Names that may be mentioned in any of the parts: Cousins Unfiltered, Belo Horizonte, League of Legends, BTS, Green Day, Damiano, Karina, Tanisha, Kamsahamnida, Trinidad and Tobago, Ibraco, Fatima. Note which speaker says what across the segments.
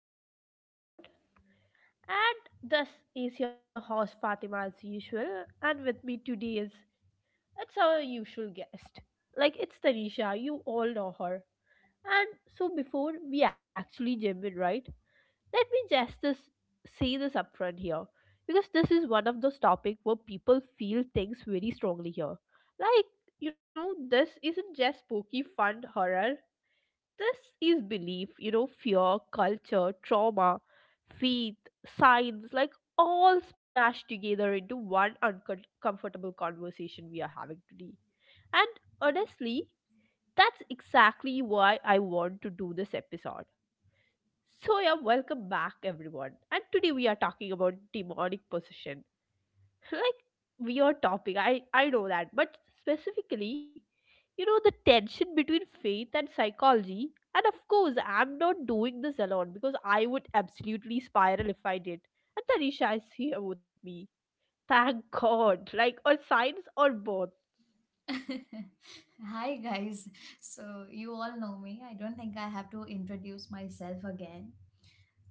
Speaker 1: of Cousins Unfiltered. And this is your host Fatima as usual, and with me today is it's our usual guest. Like it's Tanisha, you all know her. And so before we actually jump in, right? Let me just this say this upfront here, because this is one of those topics where people feel things very strongly here. Like this isn't just spooky fun horror, this is belief, you know, fear, culture, trauma, faith, science, like all smashed together into one uncomfortable conversation we are having today. And honestly, that's exactly why I want to do this episode. So, yeah, welcome back, everyone. And today we are talking about demonic possession, like weird topic, I know that, but specifically, you know, the tension between faith and psychology. And of course, I'm not doing this alone because I would absolutely spiral if I did. And Tanisha is here with me, thank god, like, or science, or both.
Speaker 2: Hi, guys. So, you all know me. I don't think I have to introduce myself again.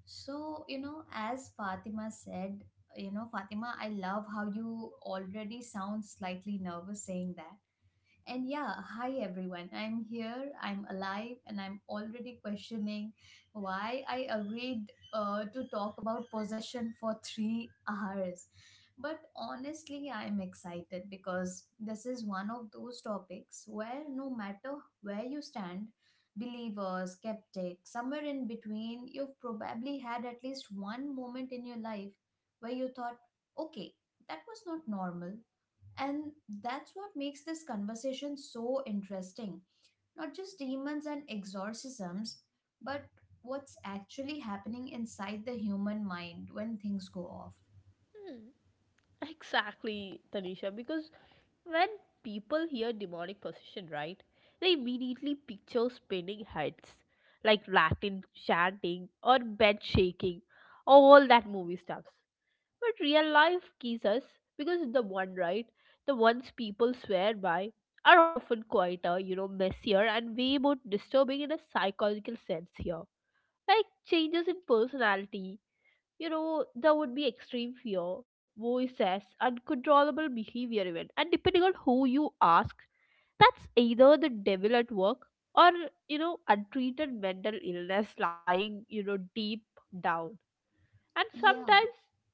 Speaker 2: So, you know, as Fatima said, you know, Fatima, I love how you already sound slightly nervous saying that. And yeah, hi everyone. I'm here, I'm alive, and I'm already questioning why I agreed to talk about possession for three hours. But honestly, I'm excited because this is one of those topics where no matter where you stand, believer, skeptic, somewhere in between, you've probably had at least one moment in your life where you thought, okay, that was not normal, and that's what makes this conversation so interesting. Not just demons and exorcisms, but what's actually happening inside the human mind when things go off.
Speaker 1: Exactly, Tanisha, because when people hear demonic possession, right, they immediately picture spinning heads, like Latin chanting or bed shaking, all that movie stuffs. But real life kisses, because the ones people swear by are often quieter, you know, messier and way more disturbing in a psychological sense here. Like changes in personality, you know, there would be extreme fear, voices, uncontrollable behavior, even. And depending on who you ask, that's either the devil at work or, you know, untreated mental illness lying, you know, deep down. And
Speaker 2: Yeah.
Speaker 1: sometimes,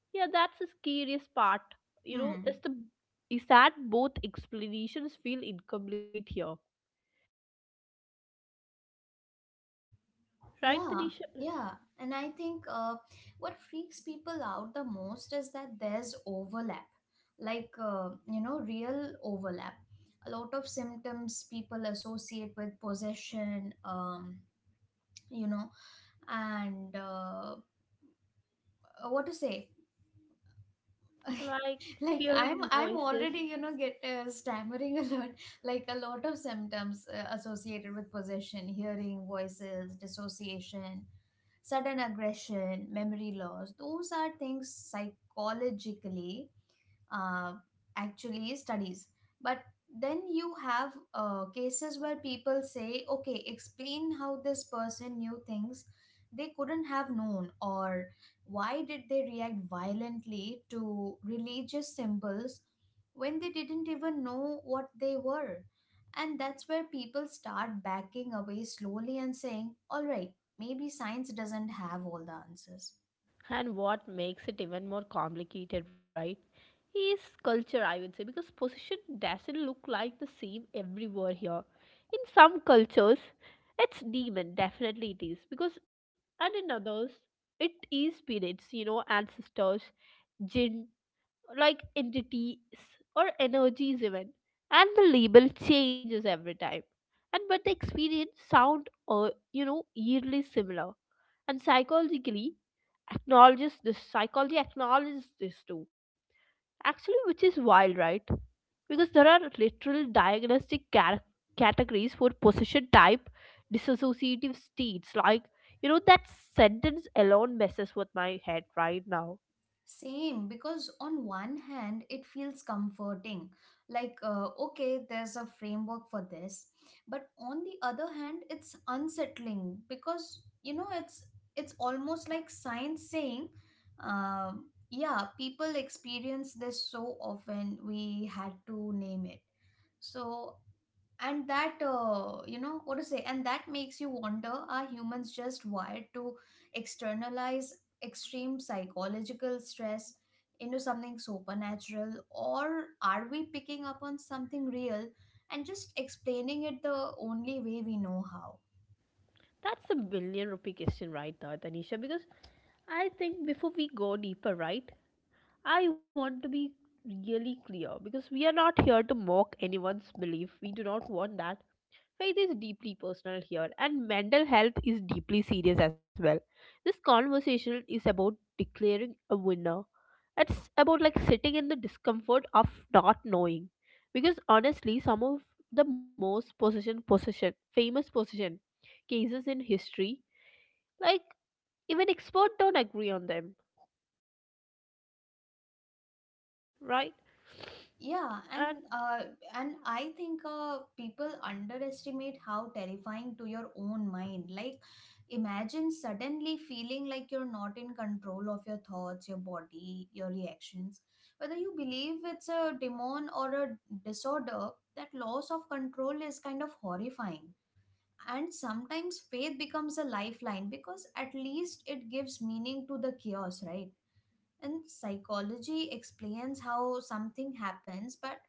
Speaker 1: yeah, that's the scariest part, you know,
Speaker 2: Hmm.
Speaker 1: is that both explanations feel incomplete here, right,
Speaker 2: Yeah.
Speaker 1: Tanisha?
Speaker 2: Yeah. And I think what freaks people out the most is that there's overlap, like real overlap. A lot of symptoms people associate with possession, you know, and what to say
Speaker 1: Like
Speaker 2: like
Speaker 1: hearing
Speaker 2: I'm
Speaker 1: voices.
Speaker 2: already you know get stammering a lot. Like a lot of symptoms associated with possession, hearing voices, dissociation, sudden aggression, memory loss, those are things psychologically uh, actually studies. But then you have cases where people say, okay, explain how this person knew things they couldn't have known, or why did they react violently to religious symbols when they didn't even know what they were. And that's where people start backing away slowly and saying, all right, maybe science doesn't have all the answers.
Speaker 1: And what makes it even more complicated, right? Is culture, I would say, because possession doesn't look like the same everywhere here. In some cultures, it's demon, definitely it is. Because and in others, it is spirits, you know, ancestors, jinn, like entities or energies even. And the label changes every time. And but the experience sound or, you know, eerily similar. And psychologically acknowledges this Psychology acknowledges this too, actually, which is wild, right? Because there are literal diagnostic categories for possession type dissociative states, like, you know, that sentence alone messes with my head right now.
Speaker 2: Same, because on one hand, it feels comforting. Like, okay, there's a framework for this. But on the other hand, it's unsettling because, you know, it's almost like science saying, yeah, people experience this so often, we had to name it. So, and that you know what to say and that makes you wonder, are humans just wired to externalize extreme psychological stress into something supernatural, or are we picking up on something real and just explaining it the only way we know how?
Speaker 1: That's a million rupee question right there, Tanisha, because I think before we go deeper, right, I want to be really clear because we are not here to mock anyone's belief, we do not want that. Faith is deeply personal here, and mental health is deeply serious as well. This conversation is about declaring a winner. It's about like sitting in the discomfort of not knowing. Because honestly, some of the most famous possession cases in history, like even experts don't agree on them, right?
Speaker 2: Yeah,
Speaker 1: And
Speaker 2: and uh, and I think uh, people underestimate how terrifying to your own mind. Like, imagine suddenly feeling like you're not in control of your thoughts, your body, your reactions. Whether you believe it's a demon or a disorder, that loss of control is kind of horrifying. And sometimes faith becomes a lifeline because at least it gives meaning to the chaos, right? And psychology explains how something happens, but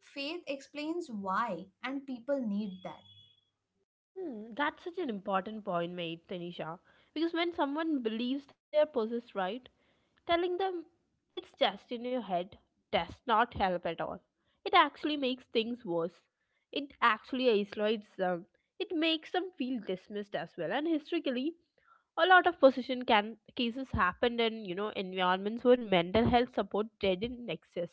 Speaker 2: faith explains why, and people need that.
Speaker 1: hmm, that's such an important point made, Tanisha. Because when someone believes they are possessed, right, telling them it's just in your head does not help at all. It actually makes things worse. It actually isolates them. It makes them feel dismissed as well. And historically, a lot of possession can cases happened in, you know, environments where mental health support didn't exist.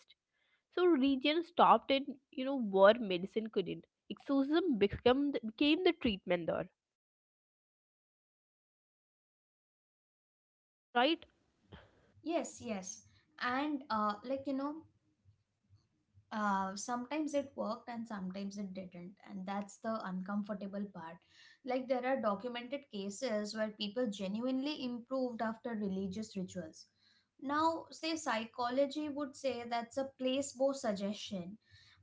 Speaker 1: So religion stopped in, you know, where medicine couldn't. Exorcism became the treatment there, right?
Speaker 2: Yes, yes. And sometimes it worked and sometimes it didn't. And that's the uncomfortable part. Like, there are documented cases where people genuinely improved after religious rituals. Now, say psychology would say that's a placebo, suggestion,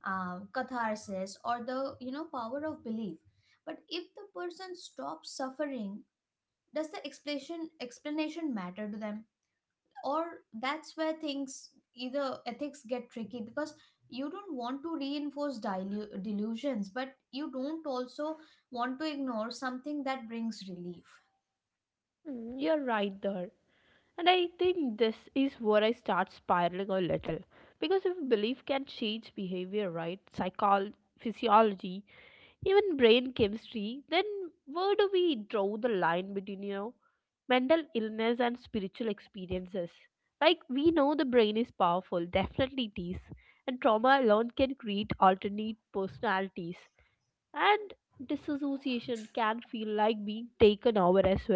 Speaker 2: catharsis, or the, you know, power of belief. But if the person stops suffering, does the explanation matter to them? Or, that's where things either ethics get tricky, because you don't want to reinforce delusions, but you don't also want to ignore something that brings relief.
Speaker 1: Hmm, you're right there. And I think this is where I start spiraling a little. Because if belief can change behavior, right? Physiology, even brain chemistry, then where do we draw the line between, you know, mental illness and spiritual experiences? Like, we know the brain is powerful, definitely it is. And trauma alone can create alternate personalities. And disassociation can feel like being taken over as well,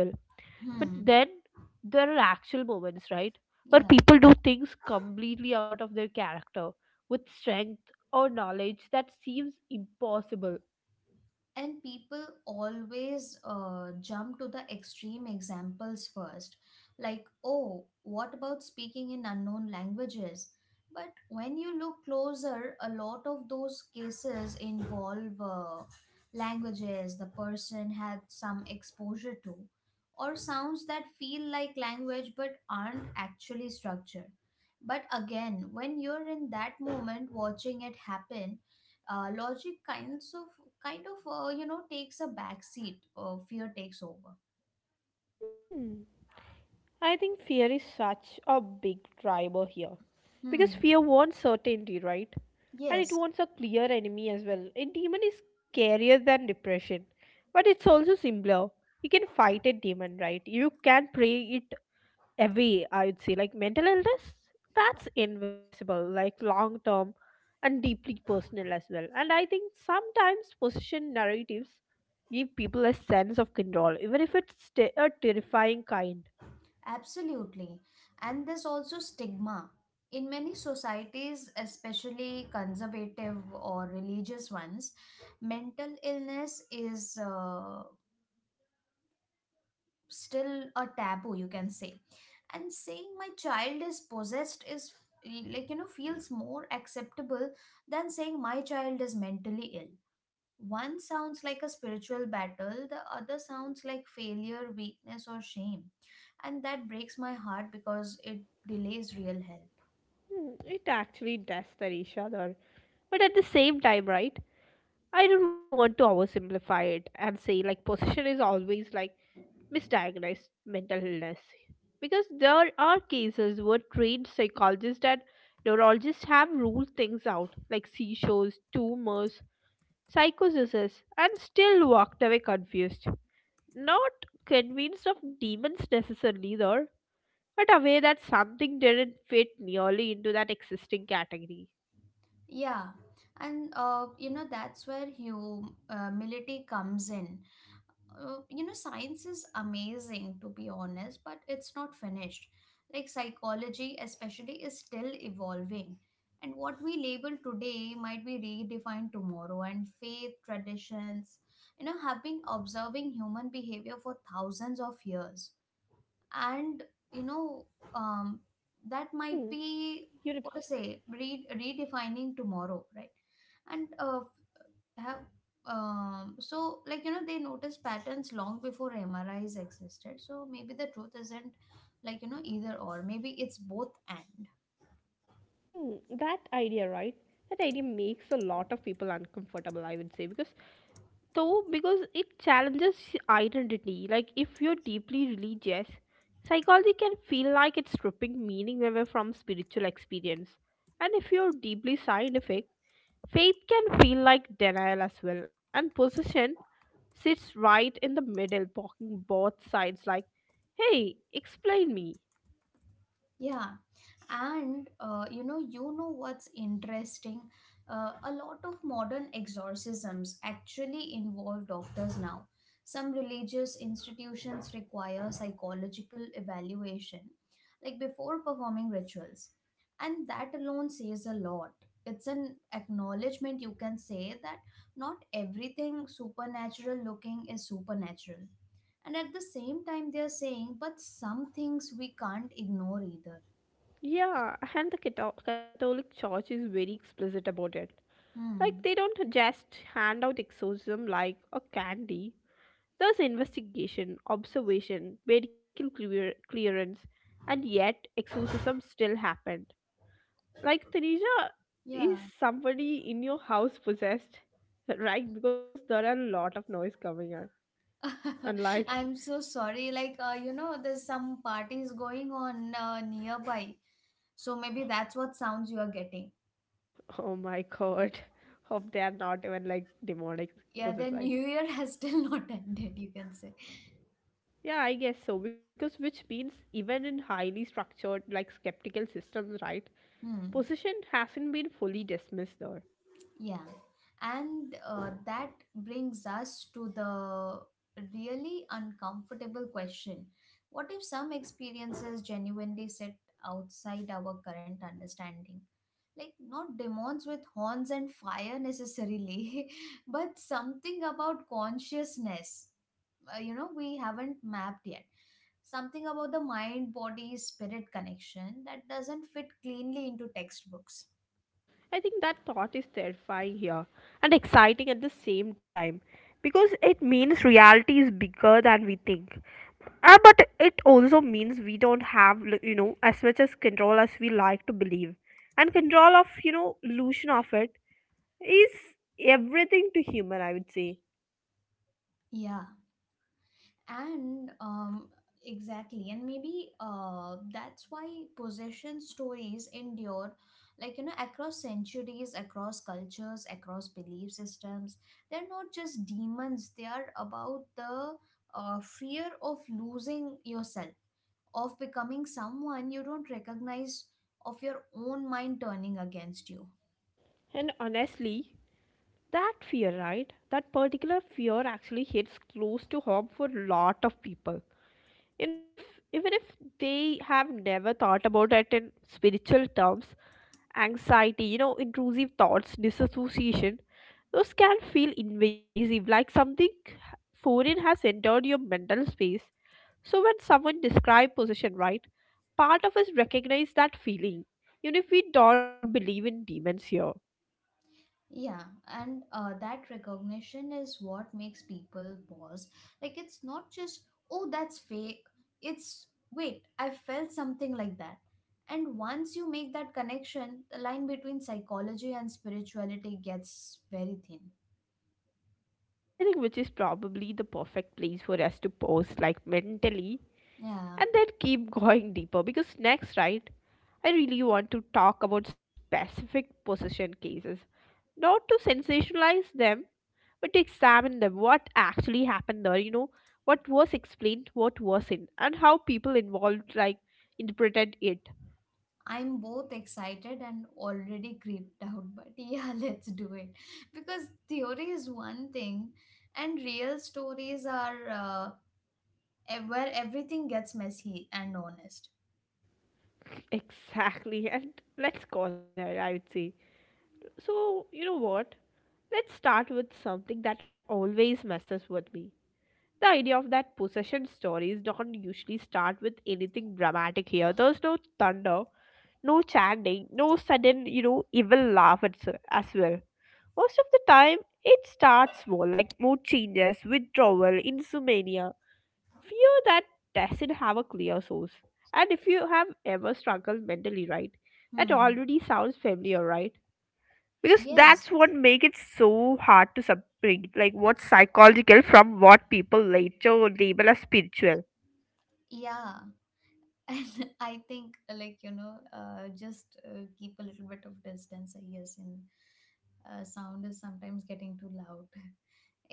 Speaker 1: but
Speaker 2: Hmm.
Speaker 1: then there are actual moments, right? Where
Speaker 2: Yeah.
Speaker 1: people do things completely out of their character with strength or knowledge that seems impossible.
Speaker 2: And people always jump to the extreme examples first, like, oh, what about speaking in unknown languages? But when you look closer, a lot of those cases involve languages the person had some exposure to, or sounds that feel like language but aren't actually structured. But again, when you're in that moment watching it happen, logic kind of you know, takes a back seat, or fear takes over.
Speaker 1: Hmm. I think fear is such a big driver here. Because
Speaker 2: Hmm.
Speaker 1: fear wants certainty, right? And it
Speaker 2: Yes.
Speaker 1: wants a clear enemy as well. A demon is scarier than depression, but it's also simpler. You can fight a demon, right? You can pray it away, I would say. Like mental illness, that's invisible, like long term and deeply personal as well. And I think sometimes position narratives give people a sense of control, even if it's a terrifying kind.
Speaker 2: Absolutely. And there's also stigma. In many societies, especially conservative or religious ones, mental illness is still a taboo, you can say. And saying, my child is possessed, is like, you know, feels more acceptable than saying, my child is mentally ill. One sounds like a spiritual battle, the other sounds like failure, weakness, or shame. And that breaks my heart because it delays real help.
Speaker 1: Hmm, it actually does, tarisha, though, but at the same time, right, I don't want to oversimplify it and say like position is always like misdiagnosed mental illness. Because there are cases where trained psychologists and neurologists have ruled things out, like seizures, tumors, psychosis, and still walked away confused, not convinced of demons necessarily though, but aware that something didn't fit nearly into that existing category.
Speaker 2: Yeah, and you know, that's where humility comes in. You know, science is amazing, to be honest, but it's not finished. Like psychology especially is still evolving, and what we label today might be redefined tomorrow. And faith traditions, you know, have been observing human behavior for thousands of years.
Speaker 1: Hmm,
Speaker 2: And, you know,
Speaker 1: you're,
Speaker 2: um, that might be what to say re- redefining tomorrow, right? and have So, like, you know, they notice patterns long before MRIs existed. So maybe the truth isn't, like, you know, either or maybe it's both and.
Speaker 1: hmm, that idea, right? That idea makes a lot of people uncomfortable, I would say, because though, because it challenges identity. Like, if you're deeply religious, psychology can feel like it's stripping meaning away from spiritual experience. And if you're deeply scientific, faith can feel like denial as well. And possession sits right in the middle, blocking both sides, like, hey, explain me.
Speaker 2: Yeah, and you know what's interesting, a lot of modern exorcisms actually involve doctors now. Some religious institutions require psychological evaluation like before performing rituals. And that alone says a lot. It's an acknowledgement, you can say, that not everything supernatural looking is supernatural. And at the same time they are saying, but some things we can't ignore either.
Speaker 1: Yeah, and the Catholic Church is very explicit about it.
Speaker 2: Hmm.
Speaker 1: Like, they don't just hand out exorcism like a candy. Thus, investigation, observation, medical clearance, and yet exorcism still happened. Like Tanisha,
Speaker 2: Yeah.
Speaker 1: is somebody in your house possessed? Right? Because there are a lot of noise coming out. And like,
Speaker 2: I'm so sorry. Like, you know, there's some parties going on nearby. So maybe that's what sounds you are getting.
Speaker 1: oh my god, hope they are not even like demonic
Speaker 2: Yeah, the
Speaker 1: possessed.
Speaker 2: new year has still not ended, you can say.
Speaker 1: Yeah, I guess so. Because which means even in highly structured, like skeptical systems, right?
Speaker 2: Hmm.
Speaker 1: Possession hasn't been fully dismissed though.
Speaker 2: Yeah, and that brings us to the really uncomfortable question. What if some experiences genuinely sit outside our current understanding? Like, not demons with horns and fire necessarily, but something about consciousness you know, we haven't mapped yet. Something about the mind body spirit connection that doesn't fit cleanly into textbooks.
Speaker 1: I think that thought is terrifying here and exciting at the same time, because it means reality is bigger than we think. But it also means we don't have, you know, as much as control as we like to believe. And control of, you know, illusion of it is everything to human, I would say.
Speaker 2: Yeah, and exactly. And maybe that's why possession stories endure, like, you know, across centuries, across cultures, across belief systems. They're not just demons, they are about the fear of losing yourself, of becoming someone you don't recognize, of your own mind turning against you.
Speaker 1: And honestly, that fear, right? That particular fear actually hits close to home for a lot of people. Even if, even if they have never thought about it in spiritual terms, anxiety, you know, intrusive thoughts, disassociation, those can feel invasive, like something foreign has entered your mental space. So when someone describes possession, right, part of us recognize that feeling, even if we don't believe in demons here.
Speaker 2: Yeah, and that recognition is what makes people pause. Like, it's not just, oh, that's fake. It's, wait, I felt something like that. And once you make that connection, the line between psychology and spirituality gets very thin.
Speaker 1: I think which is probably the perfect place for us to pause, like mentally,
Speaker 2: Yeah,
Speaker 1: and then keep going deeper. Because next, right, I really want to talk about specific possession cases, not to sensationalize them, but to examine them, what actually happened there, you know, what was explained, what wasn't, and how people involved like interpreted it.
Speaker 2: I'm both excited and already creeped out, but yeah, let's do it. Because theory is one thing, and real stories are where everything gets messy and honest.
Speaker 1: Exactly, and let's go there, I would say. So, you know what? Let's start with something that always messes with me. The idea of that possession stories don't usually start with anything dramatic here. There's no thunder, no chanting, no sudden, you know, evil laugh at, as well. Most of the time, it starts small, like mood changes, withdrawal, insomnia, fear that doesn't have a clear source. And if you have ever struggled mentally, right, that
Speaker 2: Hmm.
Speaker 1: already sounds familiar, right? Because
Speaker 2: Yes.
Speaker 1: that's what makes it so hard to separate, like what's psychological from what people later label as spiritual.
Speaker 2: Yeah. And I think, like, you know, just keep a little bit of distance, I guess. In Sound is sometimes getting too loud.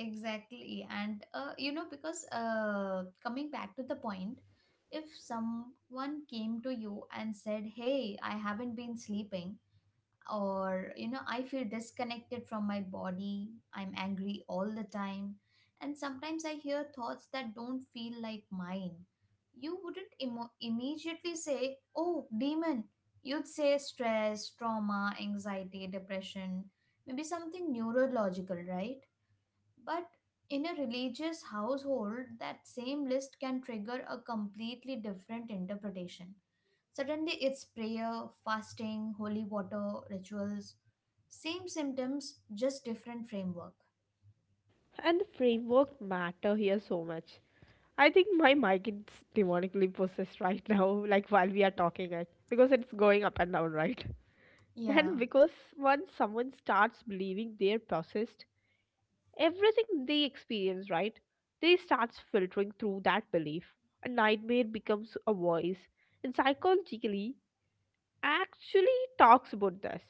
Speaker 2: Exactly. And, you know, because coming back to the point, if someone came to you and said, hey, I haven't been sleeping, or, you know, I feel disconnected from my body, I'm angry all the time, and sometimes I hear thoughts that don't feel like mine, you wouldn't immediately say, oh, demon. You'd say stress, trauma, anxiety, depression, maybe something neurological, right? But in a religious household, that same list can trigger a completely different interpretation. Suddenly, it's prayer, fasting, holy water, rituals. Same symptoms, just different framework.
Speaker 1: And the framework matter here so much. I think my mic is demonically possessed right now, like while we are talking it, because it's going up and down, right? And
Speaker 2: Yeah.
Speaker 1: because once someone starts believing they're possessed, everything they experience, right? They starts filtering through that belief. A nightmare becomes a voice. And psychologically actually talks about this,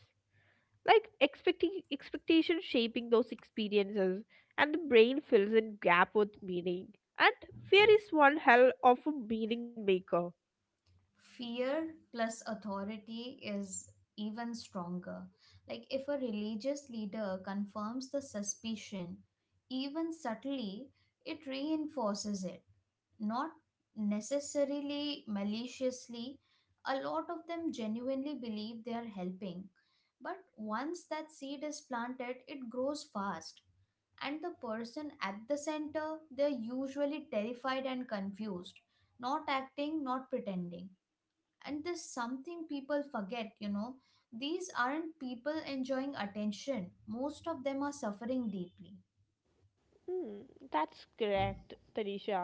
Speaker 1: like expecting expectation shaping those experiences, and the brain fills in gap with meaning, and fear is one hell of a meaning maker.
Speaker 2: Fear plus authority is even stronger. Like, if a religious leader confirms the suspicion, even subtly, it reinforces it, not necessarily maliciously, a lot of them genuinely believe they are helping. But once that seed is planted, it grows fast. And the person at the center, they're usually terrified and confused, not acting, not pretending. And there's something people forget, you know. These aren't people enjoying attention. Most of them are suffering deeply.
Speaker 1: Hmm, that's correct, tanisha.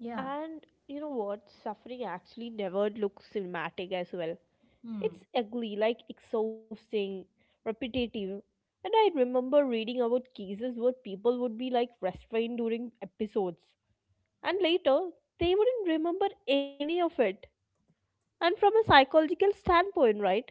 Speaker 2: Yeah.
Speaker 1: And you know what, suffering actually never looks cinematic as well.
Speaker 2: Hmm.
Speaker 1: It's ugly, like exhausting, repetitive. And I remember reading about cases where people would be like restrained during episodes, and later they wouldn't remember any of it. And from a psychological standpoint, right,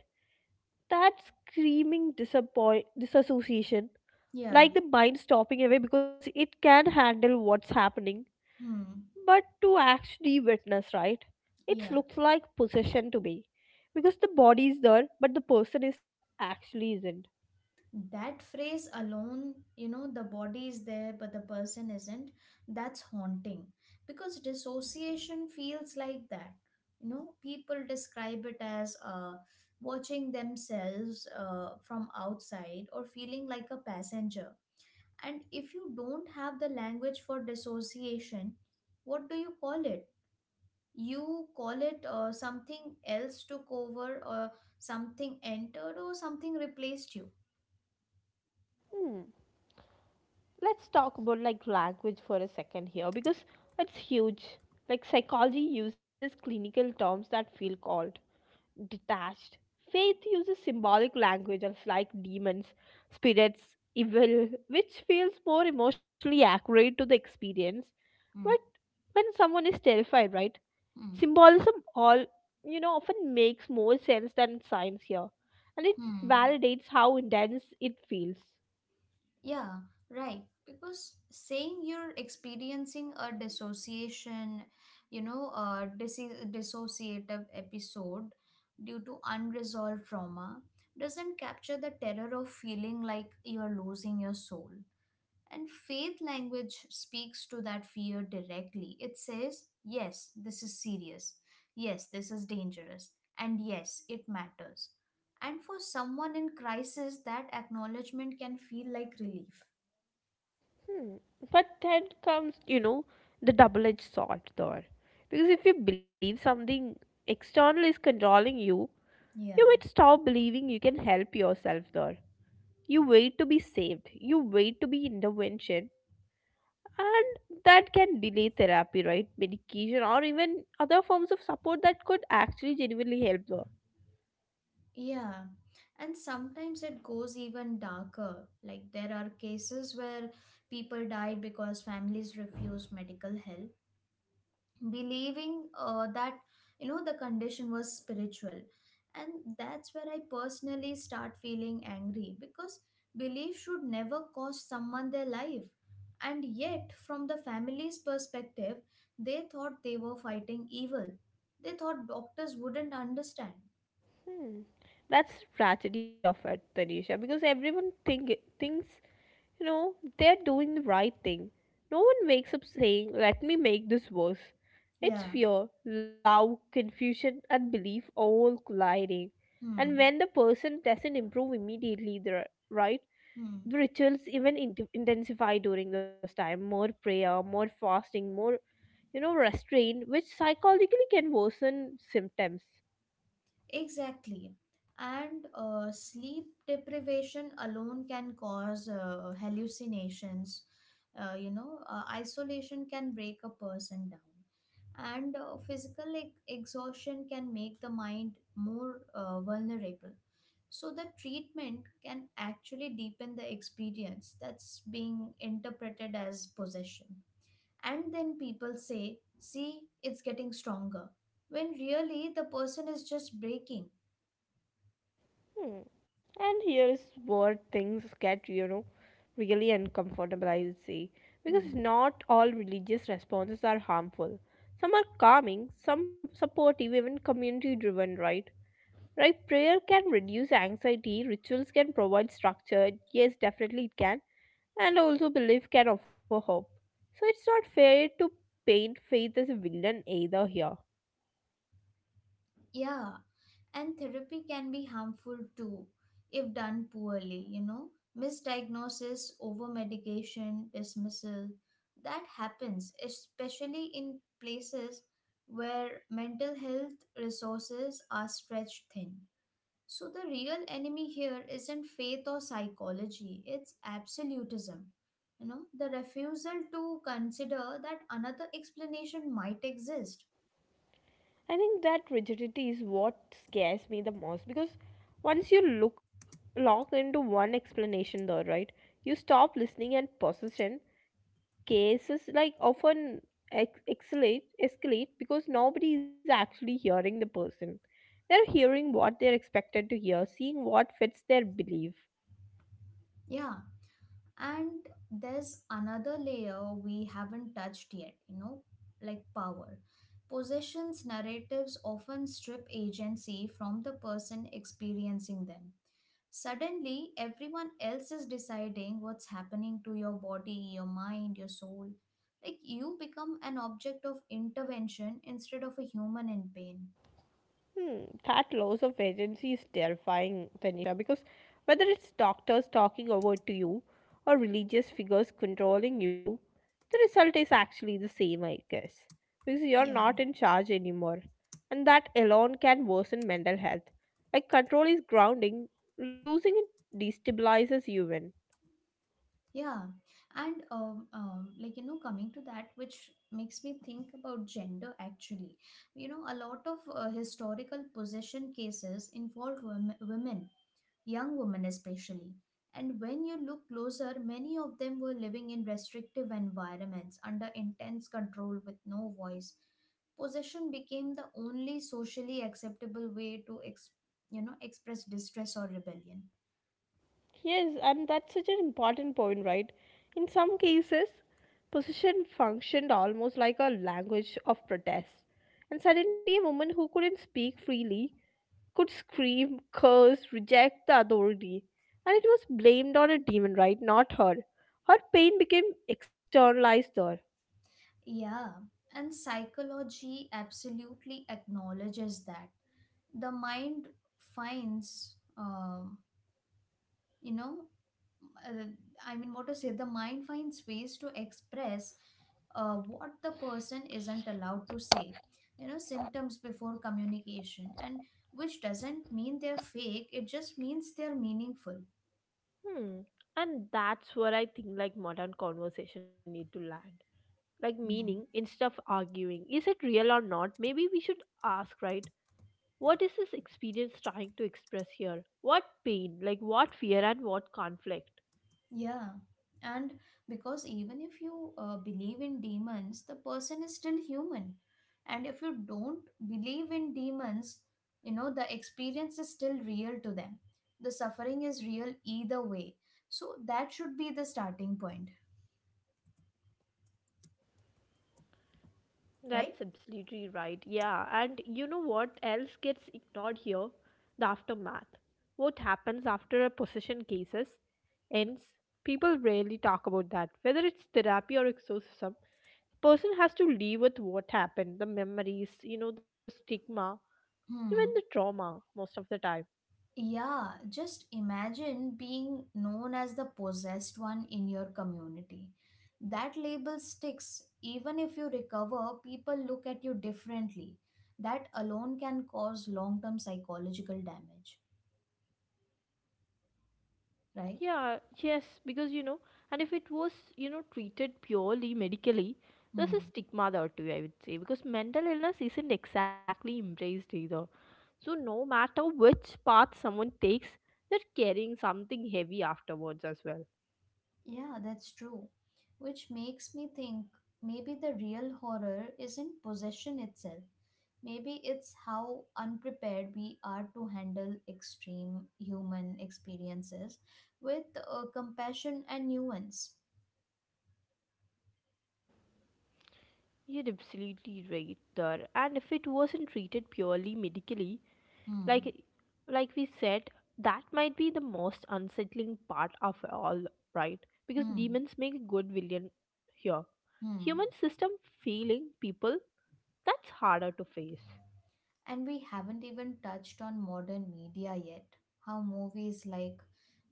Speaker 1: that screaming disappoint disassociation,
Speaker 2: Yeah.
Speaker 1: like the mind stopping away because it can handle what's happening,
Speaker 2: Hmm.
Speaker 1: but to actually witness, right, it
Speaker 2: Yeah.
Speaker 1: looks like possession to me, because the body is there, but the person is actually isn't.
Speaker 2: That phrase alone, you know, the body is there but the person isn't, that's haunting. Because dissociation feels like that. You know, people describe it as watching themselves from outside, or feeling like a passenger. And if you don't have the language for dissociation, what do you call it? You call it, something else took over, or something entered, or something replaced you.
Speaker 1: Hmm. Let's talk about like language for a second here, because it's huge. Like psychology uses clinical terms that feel cold, detached. Faith uses symbolic language of like demons, spirits, evil, which feels more emotionally accurate to the experience. But
Speaker 2: Mm,
Speaker 1: when someone is terrified, right?
Speaker 2: mm.
Speaker 1: Symbolism all, you know, often makes more sense than science here. And it
Speaker 2: Hmm.
Speaker 1: validates how intense it feels.
Speaker 2: Yeah, right. Because saying, you're experiencing a dissociation, you know, a dissociative episode due to unresolved trauma, doesn't capture the terror of feeling like you're losing your soul. And faith language speaks to that fear directly. It says, yes, this is serious. Yes, this is dangerous. And yes, it matters. And for someone in crisis, that acknowledgement can feel like relief.
Speaker 1: Hmm. But then comes, you know, the double edged sword there. Because if you believe something external is controlling you, you might
Speaker 2: Yeah.
Speaker 1: stop believing you can help yourself there. You wait to be saved, you wait to be intervention, and that can delay therapy, right? Medication, or even other forms of support that could actually genuinely help there.
Speaker 2: Yeah. And sometimes it goes even darker. Like there are cases where people died because families refused medical help, believing that, you know, the condition was spiritual. And that's where I personally start feeling angry, because belief should never cost someone their life. And yet, from the family's perspective, they thought they were fighting evil, they thought doctors wouldn't understand.
Speaker 1: Hmm. That's tragedy of it, Tanisha, because everyone thinks, you know, they're doing the right thing. No one wakes up saying, let me make this worse.
Speaker 2: Yeah.
Speaker 1: It's fear, love, confusion, and belief all colliding. And
Speaker 2: Hmm.
Speaker 1: when the person doesn't improve immediately, the right,
Speaker 2: Hmm.
Speaker 1: the rituals even intensify during those time. More prayer, more fasting, more you know restraint, which psychologically can worsen symptoms.
Speaker 2: Exactly. And sleep deprivation alone can cause hallucinations. You know, isolation can break a person down. And physical exhaustion can make the mind more vulnerable. So, the treatment can actually deepen the experience that's being interpreted as possession. And then people say, see, it's getting stronger. When really the person is just breaking.
Speaker 1: Hmm. And here is where things get, you know, really uncomfortable, I would say. Because
Speaker 2: Hmm.
Speaker 1: not all religious responses are harmful. Some are calming, some supportive, even community driven, right? Right? Prayer can reduce anxiety, rituals can provide structure, yes, definitely it can, and also belief can offer hope. So it's not fair to paint faith as a villain either here.
Speaker 2: Yeah, and therapy can be harmful too if done poorly, you know. Misdiagnosis, over medication, dismissal, that happens, especially in places where mental health resources are stretched thin. So, the real enemy here isn't faith or psychology, it's absolutism. The refusal to consider that another explanation might exist.
Speaker 1: I think that rigidity is what scares me the most because once you look lock into one explanation though, right? You stop listening and possession cases like often escalate because nobody is actually hearing the person. They're hearing what they're expected to hear, seeing what fits their belief.
Speaker 2: Yeah, and there's another layer we haven't touched yet, like power. Possessions narratives often strip agency from the person experiencing them. Suddenly, everyone else is deciding what's happening to your body, your mind, your soul. Like you become an object of intervention instead of a human in pain.
Speaker 1: Hmm, that loss of agency is terrifying, Tanisha, because whether it's doctors talking over to you or religious figures controlling you, the result is actually the same, I guess. Because you're
Speaker 2: Yeah.
Speaker 1: not in charge anymore. And that alone can worsen mental health. Like, control is grounding, losing it destabilizes you, even.
Speaker 2: Yeah, and coming to that, which makes me think about gender actually. A lot of historical possession cases involve women, young women especially. And when you look closer, many of them were living in restrictive environments under intense control with no voice. Possession became the only socially acceptable way to express distress or rebellion.
Speaker 1: Yes, and that's such an important point, right? In some cases, possession functioned almost like a language of protest. And suddenly, a woman who couldn't speak freely could scream, curse, reject the authority. And it was blamed on a demon, right? Not her. Her pain became externalized there.
Speaker 2: Yeah, and psychology absolutely acknowledges that. The mind finds, you know, uh, I mean, what to say, the mind finds ways to express what the person isn't allowed to say, symptoms before communication, and which doesn't mean they're fake, it just means they're meaningful.
Speaker 1: Hmm. And that's where I think like modern conversation need to land. Like
Speaker 2: Mm-hmm.
Speaker 1: meaning instead of arguing, is it real or not? Maybe we should ask, right? What is this experience trying to express here? What pain, like what fear and what conflict?
Speaker 2: Yeah, and because even if you believe in demons, the person is still human. And if you don't believe in demons, the experience is still real to them. The suffering is real either way. So that should be the starting point, right?
Speaker 1: That's absolutely right. Yeah, and you know what else gets ignored here? The aftermath. What happens after a possession cases ends? People rarely talk about that. Whether it's therapy or exorcism, person has to live with what happened, the memories, you know, the stigma, even
Speaker 2: Hmm.
Speaker 1: the trauma most of the time.
Speaker 2: Yeah, just imagine being known as the possessed one in your community. That label sticks. Even if you recover, people look at you differently. That alone can cause long term psychological damage, right?
Speaker 1: Yeah, yes, because you know, and if it was, you know, treated purely medically,
Speaker 2: Hmm.
Speaker 1: there's a stigma there too, I would say, because mental illness isn't exactly embraced either. So, no matter which path someone takes, they're carrying something heavy afterwards as well.
Speaker 2: Yeah, that's true. Which makes me think maybe the real horror isn't possession itself. Maybe it's how unprepared we are to handle extreme human experiences with compassion and nuance.
Speaker 1: You're absolutely right there. And if it wasn't treated purely medically,
Speaker 2: Hmm,
Speaker 1: like like we said, that might be the most unsettling part of all, right?
Speaker 2: hmm,
Speaker 1: Because demons make good villain here.
Speaker 2: hmm.
Speaker 1: Human system failing people, that's harder to face.
Speaker 2: And we haven't even touched on modern media yet. How movies like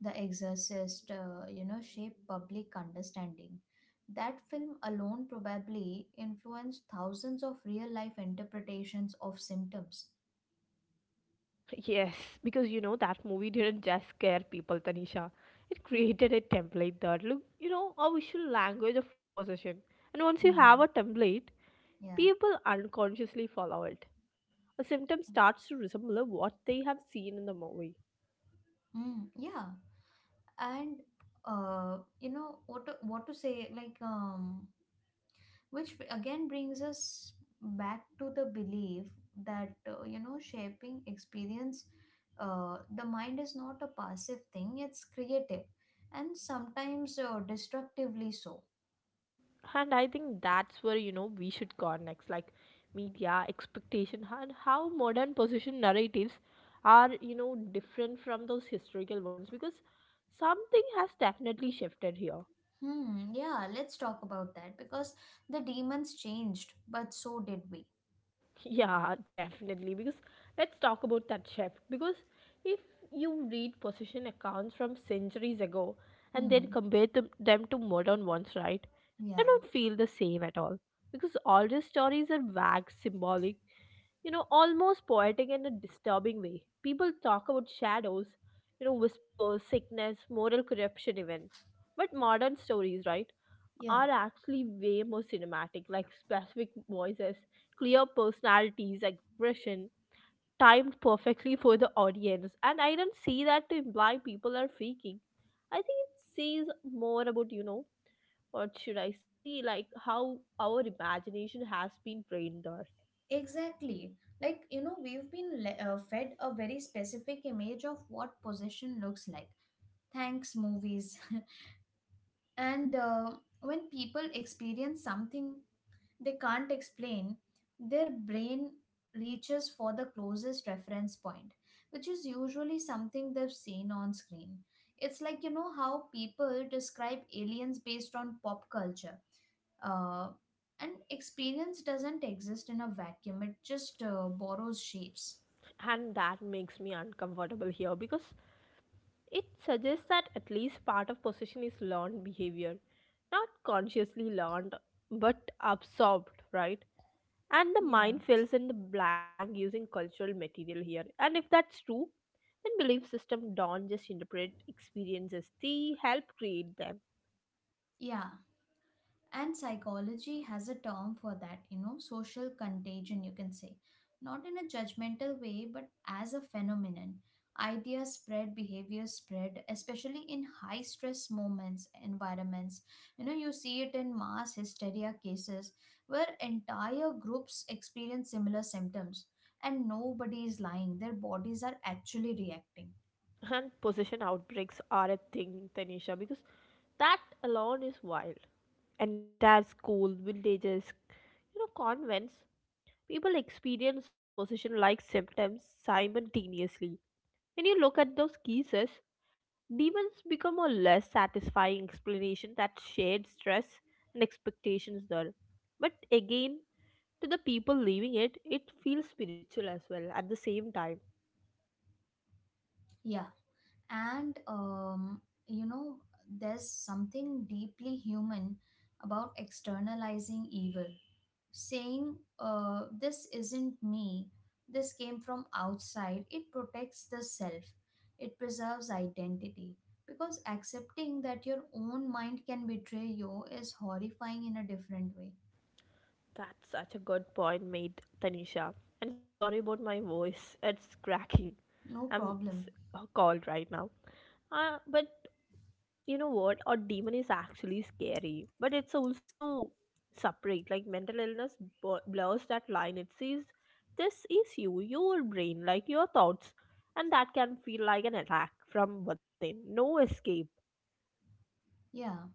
Speaker 2: The Exorcist, shape public understanding. That film alone probably influenced thousands of real life interpretations of symptoms.
Speaker 1: Yes, because you know that movie didn't just scare people, Tanisha. It created a template that look, you know, a visual language of possession. And once you have
Speaker 2: Hmm.
Speaker 1: a template,
Speaker 2: Yeah.
Speaker 1: people unconsciously follow it. A symptom starts to resemble what they have seen in the movie.
Speaker 2: Mm, yeah. And you know what to say like which again brings us back to the belief that shaping experience. Uh, the mind is not a passive thing, it's creative and sometimes destructively so.
Speaker 1: And I think that's where, you know, we should go next, like media expectation and how modern position narratives are, you know, different from those historical ones, because something has definitely shifted here.
Speaker 2: Hmm. Yeah, let's talk about that because the demons changed but so did we.
Speaker 1: Yeah, definitely, because let's talk about that shift because if you read position accounts from centuries ago and then
Speaker 2: Hmm.
Speaker 1: compare them to modern ones, right? They
Speaker 2: Yeah.
Speaker 1: don't feel the same at all because all these stories are vague symbolic, you know, almost poetic in a disturbing way. People talk about shadows, you know, whispers, sickness, moral corruption, even. But modern stories, right,
Speaker 2: Yeah,
Speaker 1: are actually way more cinematic, like specific voices, clear personalities, aggression, timed perfectly for the audience. And I don't see that to imply people are faking. I think it says more about, you know, what should I see, like how our imagination has been trained there.
Speaker 2: exactly. Like we've been fed a very specific image of what possession looks like, thanks movies. And when people experience something they can't explain, their brain reaches for the closest reference point, which is usually something they've seen on screen. It's like, you know, how people describe aliens based on pop culture. Uh, and experience doesn't exist in a vacuum, it just borrows shapes.
Speaker 1: And that makes me uncomfortable here because it suggests that at least part of possession is learned behavior, not consciously learned but absorbed, right? And the
Speaker 2: Yeah.
Speaker 1: mind fills in the blank using cultural material here. And if that's true, then belief system don't just interpret experiences, they help create them.
Speaker 2: Yeah. And psychology has a term for that, you know, social contagion, you can say. Not in a judgmental way, but as a phenomenon. Ideas spread, behaviors spread, especially in high stress moments, environments. You know, you see it in mass hysteria cases where entire groups experience similar symptoms and nobody is lying. Their bodies are actually reacting.
Speaker 1: And possession outbreaks are a thing, Tanisha, because that alone is wild. Entire school villages, you know, convents. People experience possession like symptoms simultaneously. When you look at those cases, demons become a less satisfying explanation that shared stress and expectations there. But again, to the people living it, it feels spiritual as well at the same time.
Speaker 2: Yeah. And you know there's something deeply human about externalizing evil, saying this isn't me, this came from outside. It protects the self, it preserves identity, because accepting that your own mind can betray you is horrifying in a different way.
Speaker 1: That's such a good point made, Tanisha. And sorry about my voice, it's cracking.
Speaker 2: No
Speaker 1: I'm
Speaker 2: problem.
Speaker 1: s- cold right now. But you know what, a demon is actually scary, but it's also separate. Like mental illness blurs that line. It says this is you, your brain, like your thoughts, and that can feel like an attack from within, no escape.
Speaker 2: Yeah,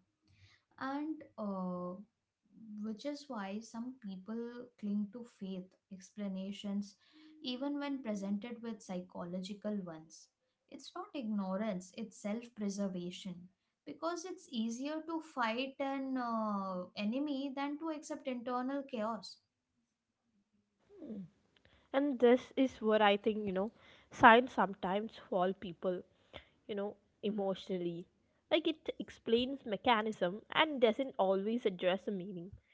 Speaker 2: and which is why some people cling to faith explanations even when presented with psychological ones. It's not ignorance, it's self preservation, because it's easier to fight an enemy than to accept internal chaos.
Speaker 1: And this is where I think, you know, science sometimes fall people, you know, emotionally. Like it explains mechanism and doesn't always address the meaning.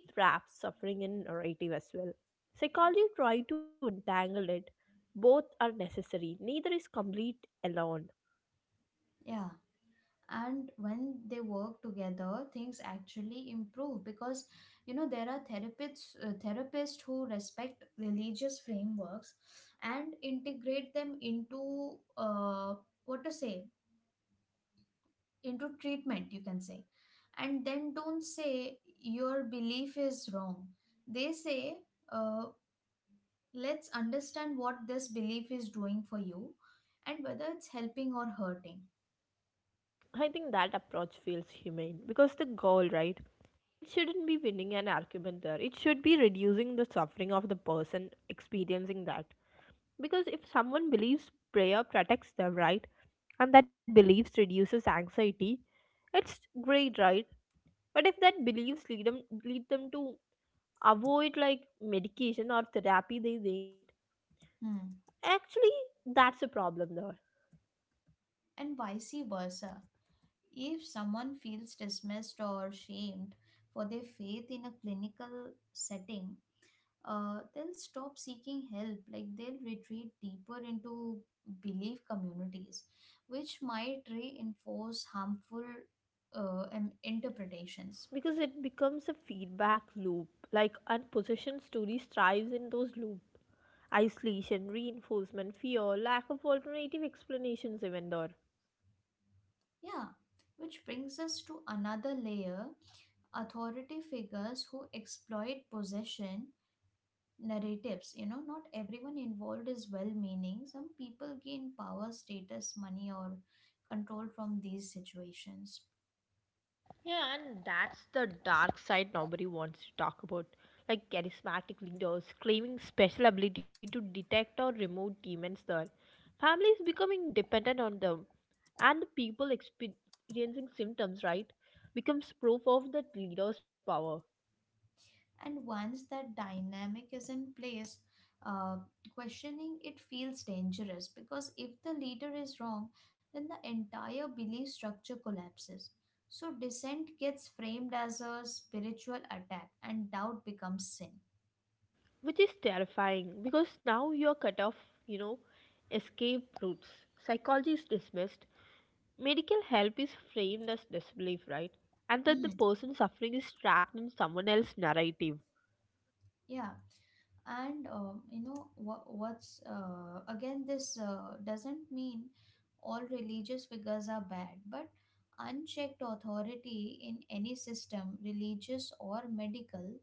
Speaker 1: Faith wraps suffering in narrative as well, psychology try to entangle it. Both are necessary, neither is complete alone.
Speaker 2: Yeah. And when they work together things actually improve, because you know there are therapists who respect religious frameworks and integrate them into uh, what to say into treatment, you can say. And then don't say your belief is wrong, they say, uh, let's understand what this belief is doing for you and whether it's helping or hurting.
Speaker 1: I think that approach feels humane because the goal, right, it shouldn't be winning an argument there, it should be reducing the suffering of the person experiencing that. Because if someone believes prayer protects them, right? And that beliefs reduces anxiety, it's great, right? But if that beliefs lead them to avoid like medication or therapy they need,
Speaker 2: Hmm.
Speaker 1: actually that's a problem there.
Speaker 2: And vice versa. If someone feels dismissed or shamed for their faith in a clinical setting, they'll stop seeking help. Like they'll retreat deeper into belief communities, which might reinforce harmful interpretations.
Speaker 1: Because it becomes a feedback loop. Like unpositioned stories thrives in those loop, isolation, reinforcement, fear, lack of alternative explanations even there.
Speaker 2: Yeah, which brings us to another layer, authority figures who exploit possession narratives. You know, not everyone involved is well meaning, some people gain power, status, money or control from these situations.
Speaker 1: Yeah, and that's the dark side nobody wants to talk about. Like charismatic leaders claiming special ability to detect or remove demons there. Families becoming dependent on them. And the people experiencing symptoms, right, becomes proof of that leader's power.
Speaker 2: And once that dynamic is in place, uh, questioning it feels dangerous, because if the leader is wrong then the entire belief structure collapses. So dissent gets framed as a spiritual attack and doubt becomes sin.
Speaker 1: Which is terrifying because now you're cut off, you know, escape routes. Psychology is dismissed, medical help is framed as disbelief, right? And that
Speaker 2: Hmm.
Speaker 1: the person suffering is trapped in someone else's narrative.
Speaker 2: Yeah, and you know what what's again, this doesn't mean all religious figures are bad, but unchecked authority in any system, religious or medical,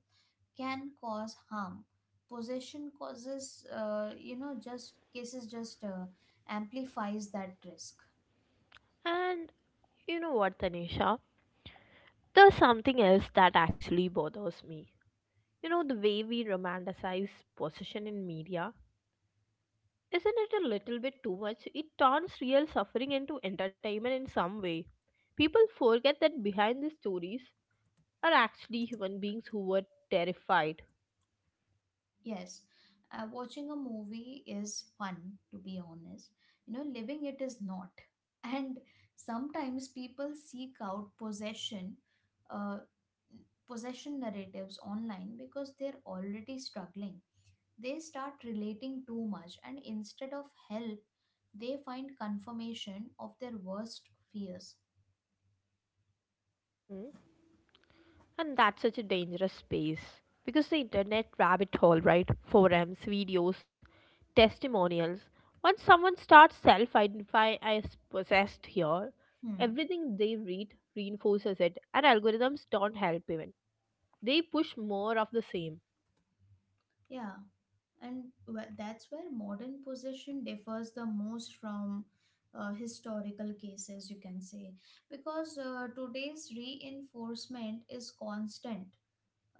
Speaker 2: can cause harm. Possession causes you know just cases just amplifies that risk.
Speaker 1: And you know what, Tanisha? There's something else that actually bothers me. You know, the way we romanticize possession in media. Isn't it a little bit too much? It turns real suffering into entertainment in some way. People forget that behind these stories are actually human beings who were terrified.
Speaker 2: Yes, watching a movie is fun, to be honest. You know, living it is not. And sometimes people seek out uh, possession narratives online because they're already struggling. They start relating too much, and instead of help, they find confirmation of their worst fears.
Speaker 1: Hmm? And that's such a dangerous space because the internet rabbit hole, right? Forums, videos, testimonials. Once someone starts self identify as possessed here,
Speaker 2: Hmm.
Speaker 1: everything they read reinforces it, and algorithms don't help even. They push more of the same.
Speaker 2: Yeah. And that's where modern possession differs the most from historical cases, you can say, because today's reinforcement is constant,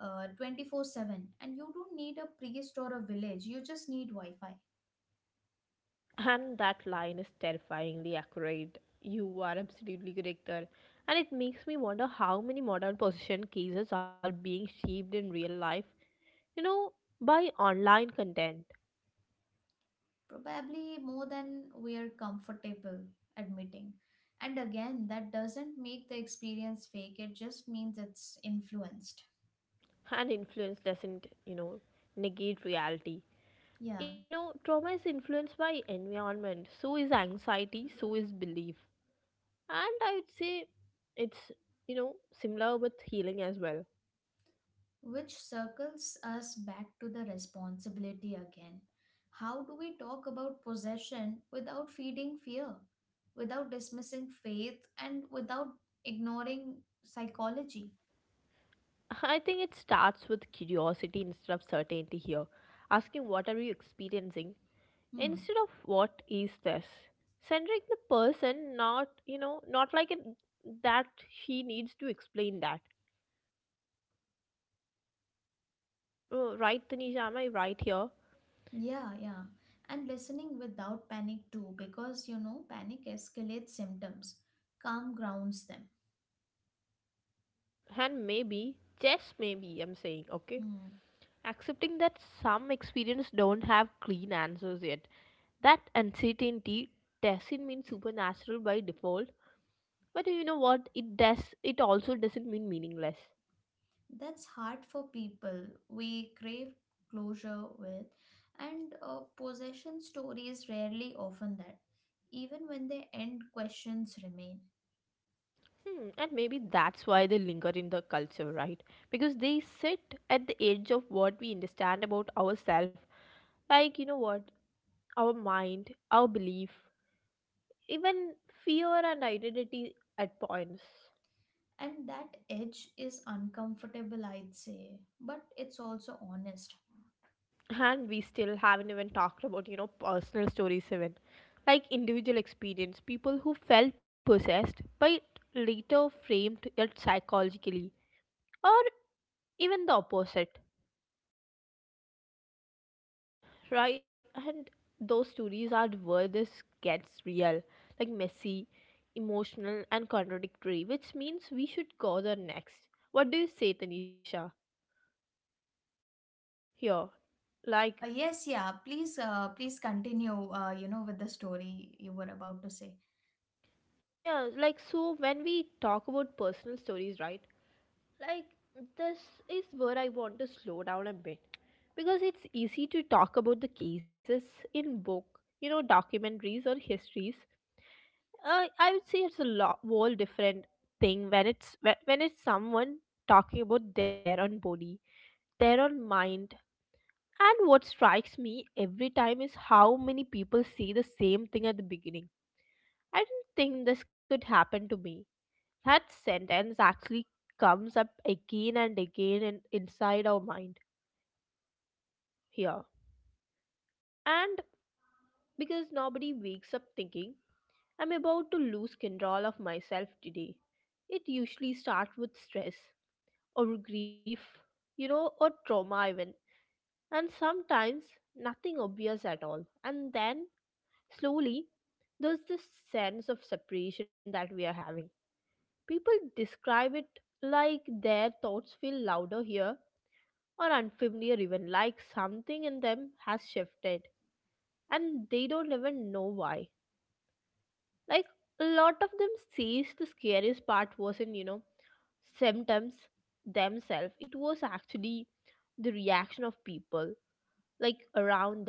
Speaker 2: 24/7, and you don't need a priest or a village, you just need wi-fi.
Speaker 1: And that line is terrifyingly accurate. You are absolutely correct there. And it makes me wonder how many modern possession cases are being shaped in real life, you know, by online content.
Speaker 2: Probably more than we are comfortable admitting. And again, that doesn't make the experience fake, it just means it's influenced.
Speaker 1: And influence doesn't, you know, negate reality.
Speaker 2: Yeah.
Speaker 1: You know, trauma is influenced by environment, so is anxiety, so is belief. And I would say it's, you know, similar with healing as well.
Speaker 2: Which circles us back to the responsibility again. How do we talk about possession without feeding fear, without dismissing faith, and without ignoring psychology?
Speaker 1: I think it starts with curiosity instead of certainty here. Asking what are you experiencing
Speaker 2: Hmm.
Speaker 1: instead of what is this. Centering the person, not, you know, not like it, that he needs to explain that. Oh, right, Tanisha, am I right here?
Speaker 2: Yeah, yeah. And listening without panic too, because you know, panic escalates symptoms, calm grounds them.
Speaker 1: And maybe, just maybe, I'm saying, okay?
Speaker 2: Hmm.
Speaker 1: Accepting that some experience don't have clean answers yet. That uncertainty doesn't mean supernatural by default, but you know what? It does. It also doesn't mean meaningless.
Speaker 2: That's hard for people, we crave closure with, and possession stories rarely often that. Even when they end, questions remain.
Speaker 1: Hmm, and maybe that's why they linger in the culture, right? Because they sit at the edge of what we understand about ourselves. Like, you know what? Our mind, our belief, even fear and identity at points.
Speaker 2: And that edge is uncomfortable, I'd say, but it's also honest.
Speaker 1: And we still haven't even talked about, you know, personal stories, even like individual experience, people who felt possessed but later framed it psychologically, or even the opposite, right? And those stories are where this gets real, like messy, emotional, and contradictory, which means we should go there next. What do you say, Tanisha? Here, like.
Speaker 2: Yes, yeah, please, please continue, with the story you were about to say.
Speaker 1: Yeah, like so when we talk about personal stories, right? Like this is where I want to slow down a bit because it's easy to talk about the cases in book, you know, documentaries or histories. I would say it's a lot whole different thing when it's when it's someone talking about their own body, their own mind. And what strikes me every time is how many people say the same thing at the beginning. I didn't think this could happen to me. That sentence actually comes up again and again and inside our mind here. And because nobody wakes up thinking, I'm about to lose control of myself today. It usually starts with stress or grief, you know, or trauma even. And sometimes nothing obvious at all. And then slowly there's this sense of separation that we are having. People describe it like their thoughts feel louder here or unfamiliar, even like something in them has shifted and they don't even know why. Like a lot of them says the scariest part wasn't, symptoms themselves. It was actually the reaction of people like around them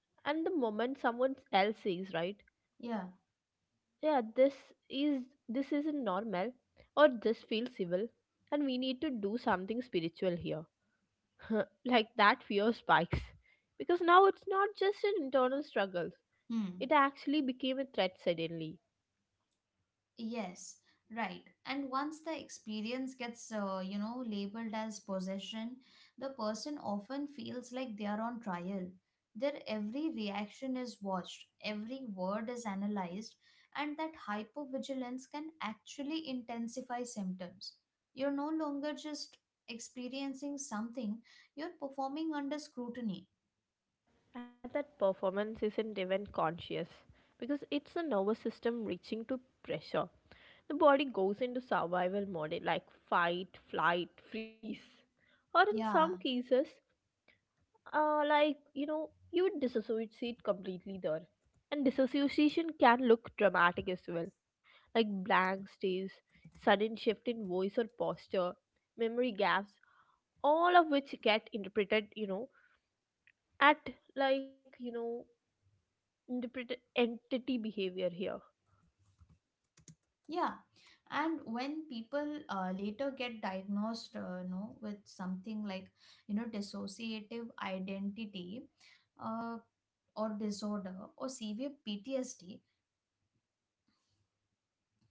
Speaker 1: and the moment someone else says, right,
Speaker 2: Yeah.
Speaker 1: yeah, is this isn't normal, or this feels evil and we need to do something spiritual here. Like that fear spikes because now it's not just an internal struggle,
Speaker 2: Hmm.
Speaker 1: it actually became a threat suddenly.
Speaker 2: Yes, right. And once the experience gets, labeled as possession, the person often feels like they are on trial. Their every reaction is watched, every word is analyzed, and that hypervigilance can actually intensify symptoms. You're no longer just experiencing something, you're performing under scrutiny.
Speaker 1: And that performance isn't even conscious because it's the nervous system reaching to pressure. The body goes into survival mode like fight, flight, freeze, or in some
Speaker 2: Yeah.
Speaker 1: cases uh, like you know you would dissociate completely there. And dissociation can look dramatic as well, like blank stares, sudden shift in voice or posture, memory gaps, all of which get interpreted, you know at like you know interpreted entity behavior here.
Speaker 2: Yeah, and when people later get diagnosed, with something like dissociative identity, uh, or disorder, or severe PTSD,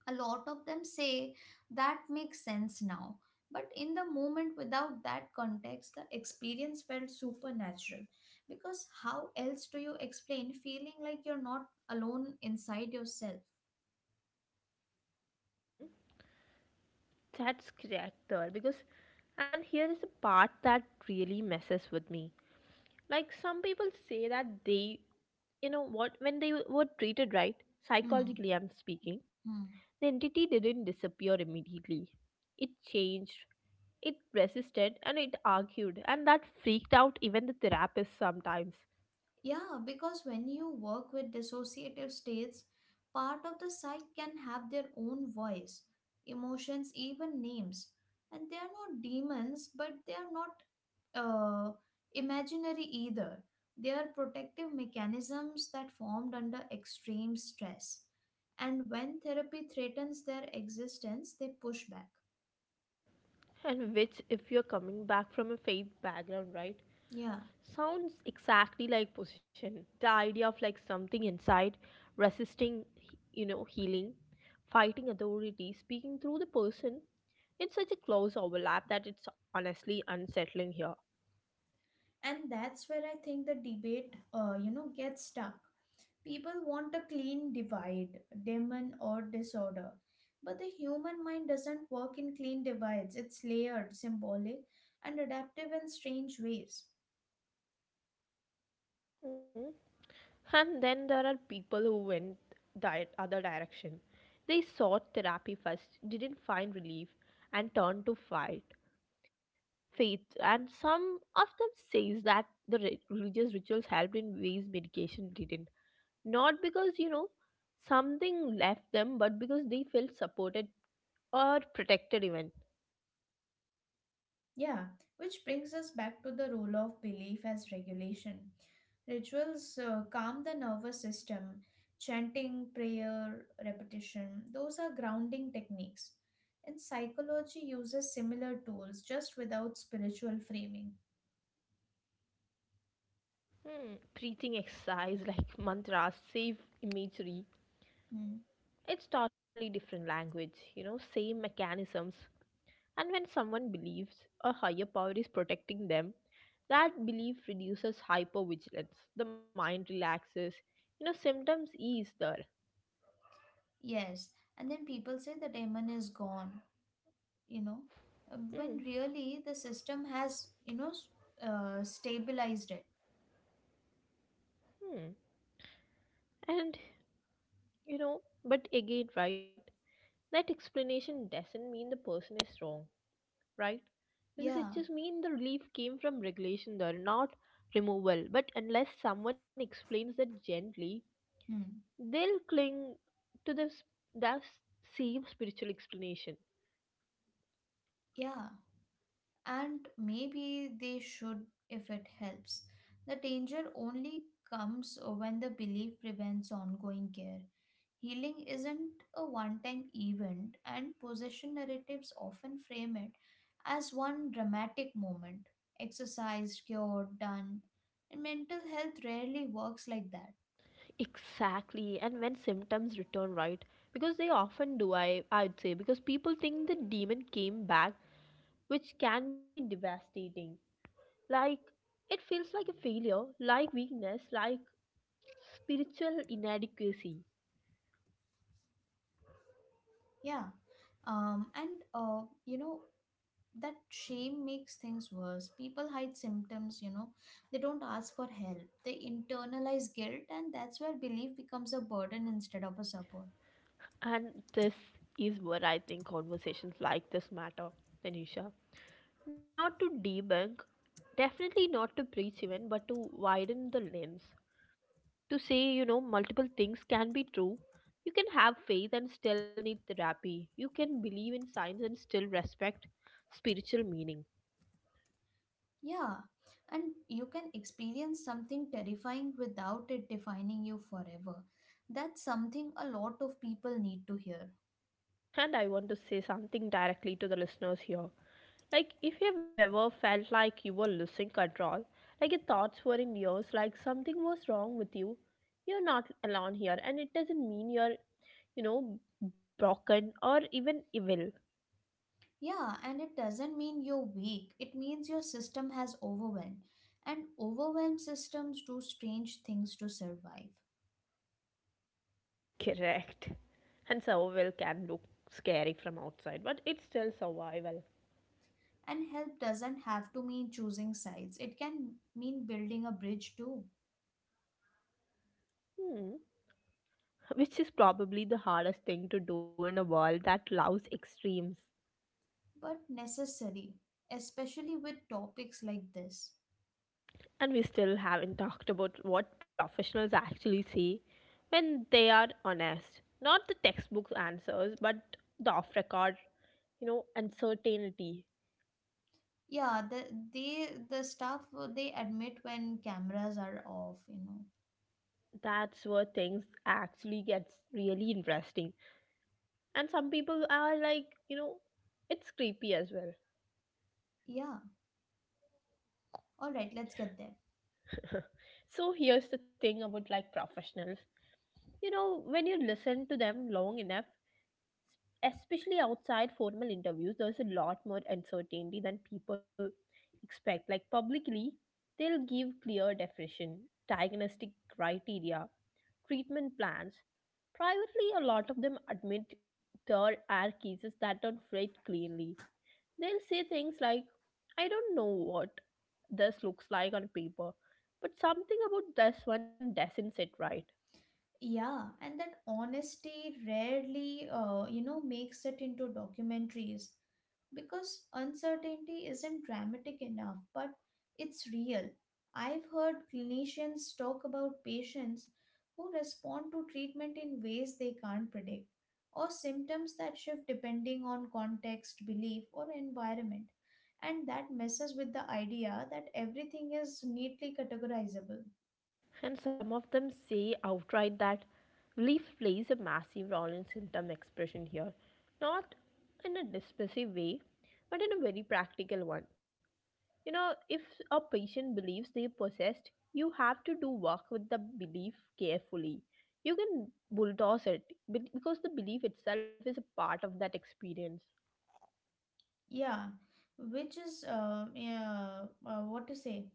Speaker 2: a lot of them say that makes sense now. But in the moment, without that context, the experience felt supernatural. Because how else do you explain feeling like you're not alone inside yourself?
Speaker 1: That's correct there because and here is the part that really messes with me. Like some people say that they you know what when they were treated right,
Speaker 2: Hmm.
Speaker 1: psychologically I'm speaking, the
Speaker 2: Hmm.
Speaker 1: entity didn't disappear immediately. It changed, it resisted, and it argued, and that freaked out even the therapist sometimes.
Speaker 2: Yeah, because when you work with dissociative states, part of the psyche can have their own voice, emotions, even names. And they are not demons, but they are not uh, imaginary either. They are protective mechanisms that formed under extreme stress. And when therapy threatens their existence, they push back.
Speaker 1: And which, if you're coming back from a faith background, right,
Speaker 2: Yeah.
Speaker 1: sounds exactly like possession. The idea of like something inside, resisting, you know, healing, fighting authority, speaking through the person. It's such a close overlap that it's honestly unsettling here.
Speaker 2: And that's where I think the debate, gets stuck. People want a clean divide, demon or disorder. But the human mind doesn't work in clean divides. It's layered, symbolic, and adaptive in strange ways.
Speaker 1: Mm. And then there are people who went the other direction. They sought therapy first, didn't find relief, and turned to fight faith. And some of them says that the religious rituals helped in ways medication didn't. Not because, you know, something left them, but because they felt supported or protected, even.
Speaker 2: Yeah, which brings us back to the role of belief as regulation. Rituals calm the nervous system. Chanting, prayer, repetition, those are grounding techniques. And psychology uses similar tools, just without spiritual framing.
Speaker 1: Hmm, breathing exercise, like mantras, safe imagery.
Speaker 2: Hmm.
Speaker 1: It's totally different language, you know, same mechanisms. And when someone believes a higher power is protecting them, that belief reduces hypervigilance. The mind relaxes, you know, symptoms ease there.
Speaker 2: Yes, and then people say the demon is gone, you know,
Speaker 1: Hmm,
Speaker 2: when really the system has, stabilized it.
Speaker 1: hmm. And, you know, but again, right? That explanation doesn't mean the person is wrong, right? Because it just
Speaker 2: Yeah,
Speaker 1: means the relief came from regulation there, not removal. But unless someone explains that gently,
Speaker 2: hmm.
Speaker 1: they'll cling to the same spiritual explanation.
Speaker 2: Yeah, and maybe they should if it helps. The danger only comes when the belief prevents ongoing care. Healing isn't a one time event, and possession narratives often frame it as one dramatic moment, exercise, cured, done. And mental health rarely works like that.
Speaker 1: Exactly, and when symptoms return, right? Because they often do, I'd say, because people think the demon came back, which can be devastating. Like, it feels like a failure, like weakness, like spiritual inadequacy.
Speaker 2: Yeah. Um, and, uh, you know, that shame makes things worse. People hide symptoms, you know, they don't ask for help. They internalize guilt, and that's where belief becomes a burden instead of a support.
Speaker 1: And this is where I think conversations like this matter, Tanisha. Not to debunk, definitely not to preach, even, but to widen the lens. To say, you know, multiple things can be true. You can have faith and still need therapy. You can believe in science and still respect spiritual meaning.
Speaker 2: Yeah, and you can experience something terrifying without it defining you forever. That's something a lot of people need to hear.
Speaker 1: And I want to say something directly to the listeners here. Like, if you've ever felt like you were losing control, like your thoughts were in yours, like something was wrong with you, you're not alone here. And it doesn't mean you're, you know, broken or even evil.
Speaker 2: Yeah, and it doesn't mean you're weak, it means your system has overwhelmed. And overwhelmed systems do strange things to survive.
Speaker 1: Correct. And survival can look scary from outside, but it's still survival.
Speaker 2: And help doesn't have to mean choosing sides, it can mean building a bridge too,
Speaker 1: Hmm. Which is probably the hardest thing to do in a world that loves extremes.
Speaker 2: but necessary, especially with topics like this.
Speaker 1: And we still haven't talked about what professionals actually see when they are honest. Not the textbook answers, but the off record, you know, uncertainty.
Speaker 2: Yeah, the staff they admit when cameras are off, you know.
Speaker 1: That's where things actually gets really interesting. And some people are like, you know, it's creepy as well.
Speaker 2: Yeah. All right, let's get there.
Speaker 1: So here's the thing about like professionals. You know, when you listen to them long enough, especially outside formal interviews, there's a lot more uncertainty than people expect. Like publicly, they'll give clear definition, diagnostic criteria, treatment plans. Privately, a lot of them admit there are cases that don't fit cleanly. They'll say things like, I don't know what this looks like on paper, but something about this one doesn't sit right.
Speaker 2: Yeah, and that honesty rarely makes it into documentaries, because uncertainty isn't dramatic enough, but it's real. I've heard clinicians talk about patients who respond to treatment in ways they can't predict, or symptoms that shift depending on context, belief, or environment, and that messes with the idea that everything is neatly categorizable.
Speaker 1: And some of them say outright that belief plays a massive role in symptom expression here, not in a dismissive way, but in a very practical one. You know, if a patient believes they possessed, you have to do work with the belief carefully. You can bulldoze it because the belief itself is a part of that experience.
Speaker 2: Yeah, which is what to say?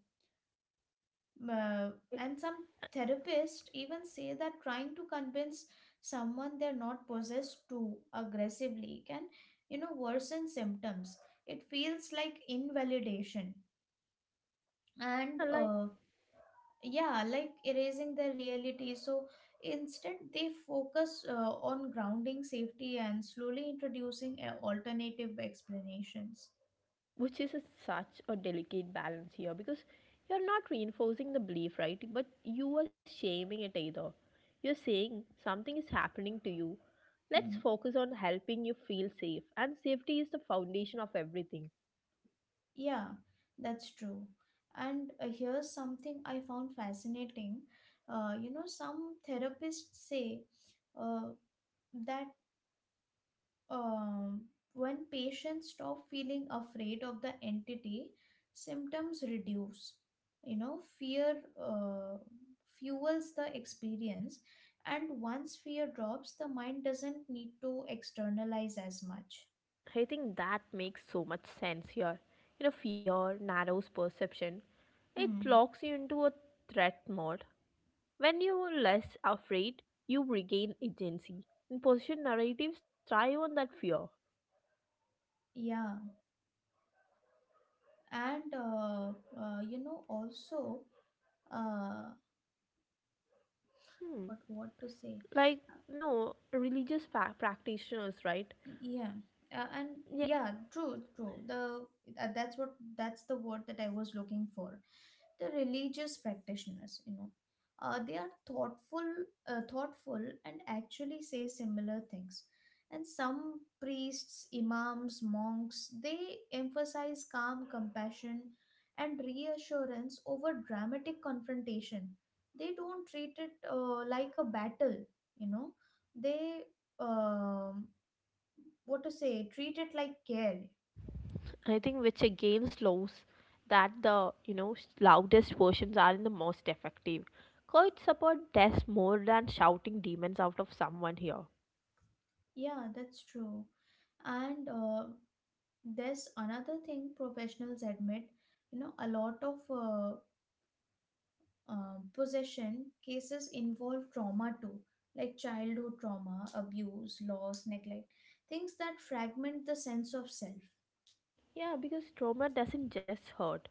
Speaker 2: Uh,
Speaker 1: Right?
Speaker 2: and some therapists even say that trying to convince someone they're not possessed too aggressively can, worsen symptoms. It feels like invalidation and,
Speaker 1: Unlike
Speaker 2: uh, yeah, like erasing the reality. So instead, they focus on grounding safety and slowly introducing alternative explanations.
Speaker 1: which is a, such a delicate balance here, because you're not reinforcing the belief right, but you are shaming it either. You're saying something is happening to you,
Speaker 2: Hmm.
Speaker 1: let's focus on helping you feel safe, and safety is the foundation of everything.
Speaker 2: Yeah, that's true. And here's something I found fascinating. Some therapists say uh, that um, when patients stop feeling afraid of the entity, symptoms reduce. You know, fear fuels the experience, and once fear drops, the mind doesn't need to externalize as much.
Speaker 1: I think that makes so much sense here. You know, fear narrows perception, it
Speaker 2: Hmm.
Speaker 1: locks you into a threat mode. When you're less afraid, you regain agency, and position narratives thrive on that fear.
Speaker 2: Yeah, and you know, also. Uh
Speaker 1: Hmm.
Speaker 2: what to say
Speaker 1: Like, no religious practitioners, right?
Speaker 2: yeah and
Speaker 1: Yeah,
Speaker 2: yeah, true, the that's what that's the word that I was looking for. The religious practitioners, you know, they are thoughtful, thoughtful, and actually say similar things. And some priests, imams, monks, they emphasize calm, compassion, and reassurance over dramatic confrontation. They don't treat it like a battle, you know. They, um what to say, treat it like care.
Speaker 1: I think which again slows that the, you know, loudest versions are in the most effective. Court support does more than shouting demons out of someone here.
Speaker 2: Yeah, that's true. And there's another thing professionals admit, you know, a lot of possession cases involve trauma too, like childhood trauma, abuse, loss, neglect, things that fragment the sense of self.
Speaker 1: Yeah, because trauma doesn't just hurt,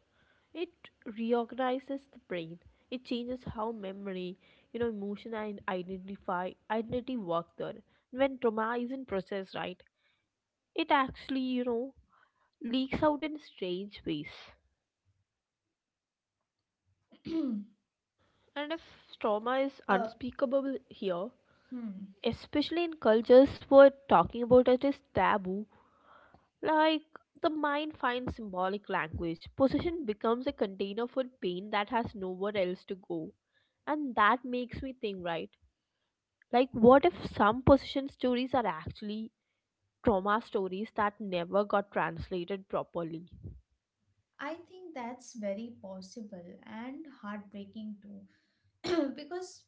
Speaker 1: it reorganizes the brain. It changes how memory, you know, emotion and identify identity work there. When trauma isn't processed right, it actually, you know, leaks out in strange ways. And if trauma is
Speaker 2: uh,
Speaker 1: unspeakable here,
Speaker 2: hmm.
Speaker 1: especially in cultures where talking about it is taboo, like the mind finds symbolic language, possession becomes a container for pain that has nowhere else to go. And that makes me think, right? Like, what if some possession stories are actually trauma stories that never got translated properly?
Speaker 2: I think that's very possible and heartbreaking too. Because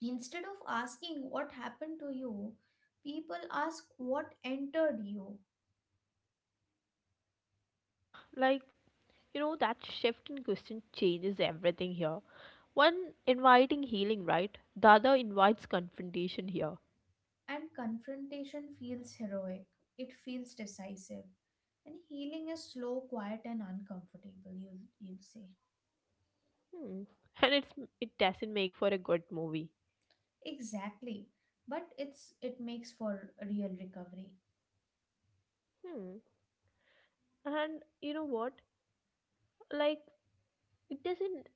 Speaker 2: instead of asking what happened to you, people ask what entered you,
Speaker 1: Like, you know, that shift in question changes everything here. One inviting healing, right? The other invites confrontation here.
Speaker 2: and confrontation feels heroic. It feels decisive. And healing is slow, quiet, and uncomfortable, you'll say.
Speaker 1: Hmm. And it doesn't make for a good movie.
Speaker 2: Exactly. But it makes for real recovery.
Speaker 1: Hmm. And you know what? Like it doesn't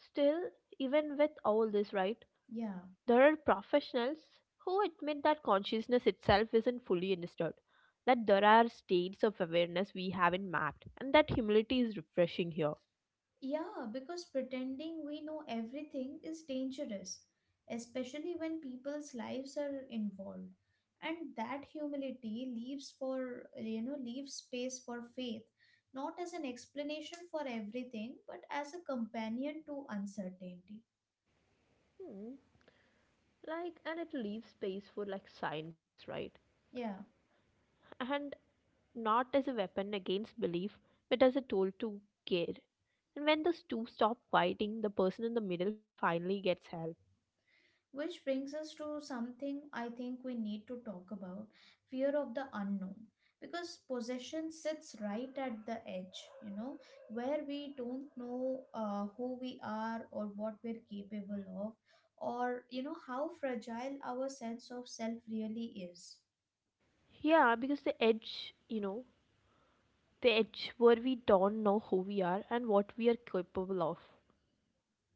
Speaker 1: still even with all this, right?
Speaker 2: Yeah.
Speaker 1: There are professionals who admit that consciousness itself isn't fully understood. That there are states of awareness we haven't mapped, and that humility is refreshing here.
Speaker 2: Yeah, because pretending we know everything is dangerous, especially when people's lives are involved. And that humility leaves for, you know, leaves space for faith, not as an explanation for everything, but as a companion to uncertainty.
Speaker 1: Hmm. Like, and it leaves space for like science, right?
Speaker 2: Yeah.
Speaker 1: And not as a weapon against belief, but as a tool to care. And when those two stop fighting, the person in the middle finally gets help.
Speaker 2: Which brings us to something I think we need to talk about: fear of the unknown. Because possession sits right at the edge, you know, where we don't know who we are or what we're capable of, or, you know, how fragile our sense of self really is.
Speaker 1: Yeah, because the edge, you know, the edge where we don't know who we are and what we are capable of,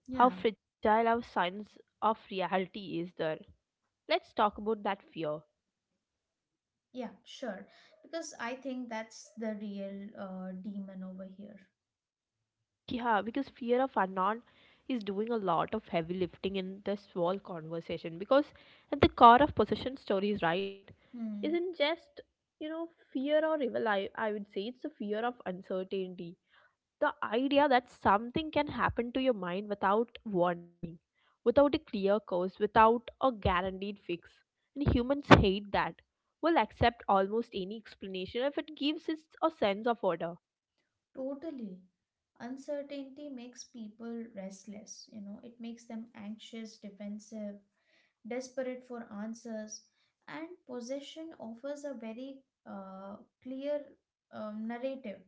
Speaker 2: Yeah,
Speaker 1: how fragile our sense of reality is there. Let's talk about that fear.
Speaker 2: yeah, sure. Because I think that's the real demon over here.
Speaker 1: Yeah, because fear of unknown is doing a lot of heavy lifting in this whole conversation. Because at the core of possession stories, right,
Speaker 2: Hmm.
Speaker 1: isn't just, you know, fear or evil. I would say it's the fear of uncertainty. The idea that something can happen to your mind without warning, without a clear cause, without a guaranteed fix. And humans hate that. Will accept almost any explanation if it gives us a sense of order.
Speaker 2: Totally. Uncertainty makes people restless, you know, it makes them anxious, defensive, desperate for answers. And possession offers a very clear narrative,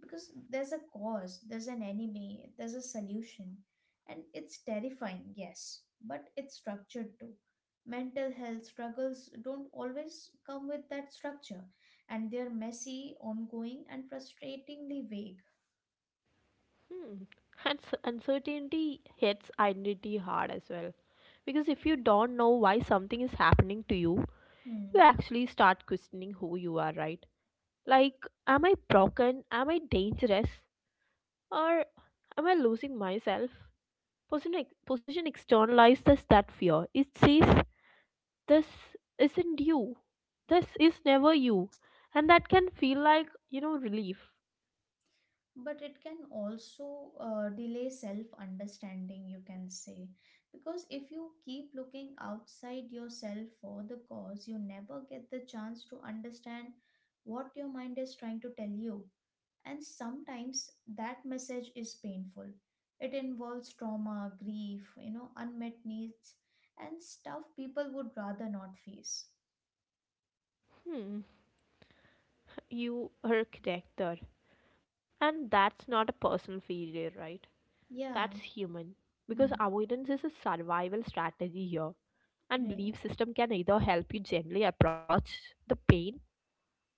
Speaker 2: because there's a cause, there's an enemy, there's a solution. And it's terrifying, yes, but it's structured too. Mental health struggles don't always come with that structure, and they're messy, ongoing, and frustratingly vague.
Speaker 1: Hmm. And uncertainty hits identity hard as well. Because if you don't know why something is happening to you, you
Speaker 2: Hmm.
Speaker 1: actually start questioning who you are, right? Like, am I broken? Am I dangerous? Or am I losing myself? Position externalizes that fear. It says, this isn't you. This is never you. And that can feel like, you know, relief.
Speaker 2: But it can also delay self understanding, you can say. Because if you keep looking outside yourself for the cause, you never get the chance to understand what your mind is trying to tell you. And sometimes that message is painful. It involves trauma, grief, you know, unmet needs, and stuff people would rather not face.
Speaker 1: Hmm, you are correct there. And that's not a personal failure, right?
Speaker 2: Yeah.
Speaker 1: That's human. Because
Speaker 2: Hmm.
Speaker 1: avoidance is a survival strategy here. And
Speaker 2: Right.
Speaker 1: belief system can either help you gently approach the pain,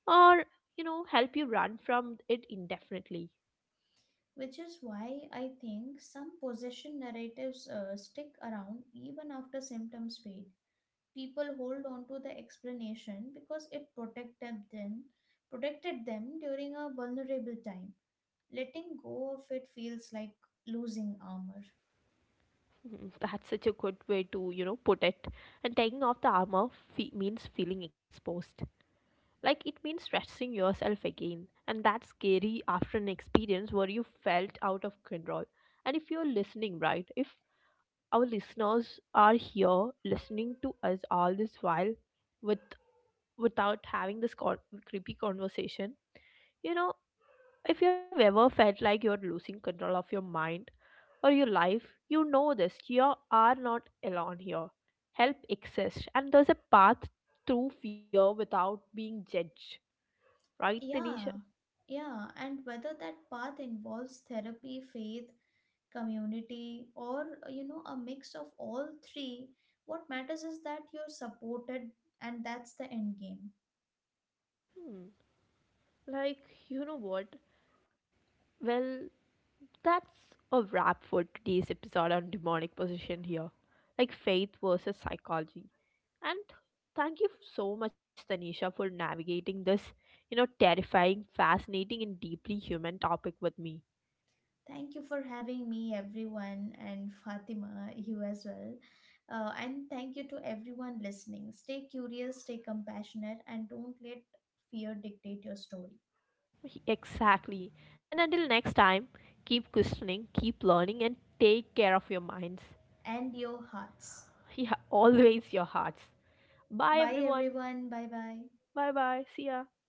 Speaker 1: or, you know, help you run from it indefinitely.
Speaker 2: Which is why I think some possession narratives stick around even after symptoms fade. People hold on to the explanation because it protected them during a vulnerable time. Letting go of it feels like losing armor.
Speaker 1: Mhm, that's such a good way to, you know, put it. And taking off the armor means feeling exposed. Like it means stressing yourself again, and that's scary after an experience where you felt out of control. And if you're listening, right, if our listeners are here listening to us all this while with without having this creepy conversation, you know, if you've ever felt like you're losing control of your mind or your life, you know this. You are not alone here. Help exists, and there's a path through fear without being judged. Right, Tanisha?
Speaker 2: Yeah, yeah, and whether that path involves therapy, faith, community, or a mix of all three, what matters is that you're supported, and that's the end game.
Speaker 1: Hmm. Like, you know what? Well, that's a wrap for today's episode on demonic possession here. Like, faith versus psychology. And thank you so much, Tanisha, for navigating this, you know, terrifying, fascinating, and deeply human topic with me.
Speaker 2: Thank you for having me, everyone, and Fatima, you as well. And thank you to everyone listening. Stay curious, stay compassionate, and don't let fear dictate your story
Speaker 1: Exactly. And until next time, keep questioning, keep learning, and take care of your minds.
Speaker 2: and your hearts.
Speaker 1: Yeah, always your hearts. Bye,
Speaker 2: Bye,
Speaker 1: everyone.
Speaker 2: everyone. Bye bye.
Speaker 1: Bye bye. See ya.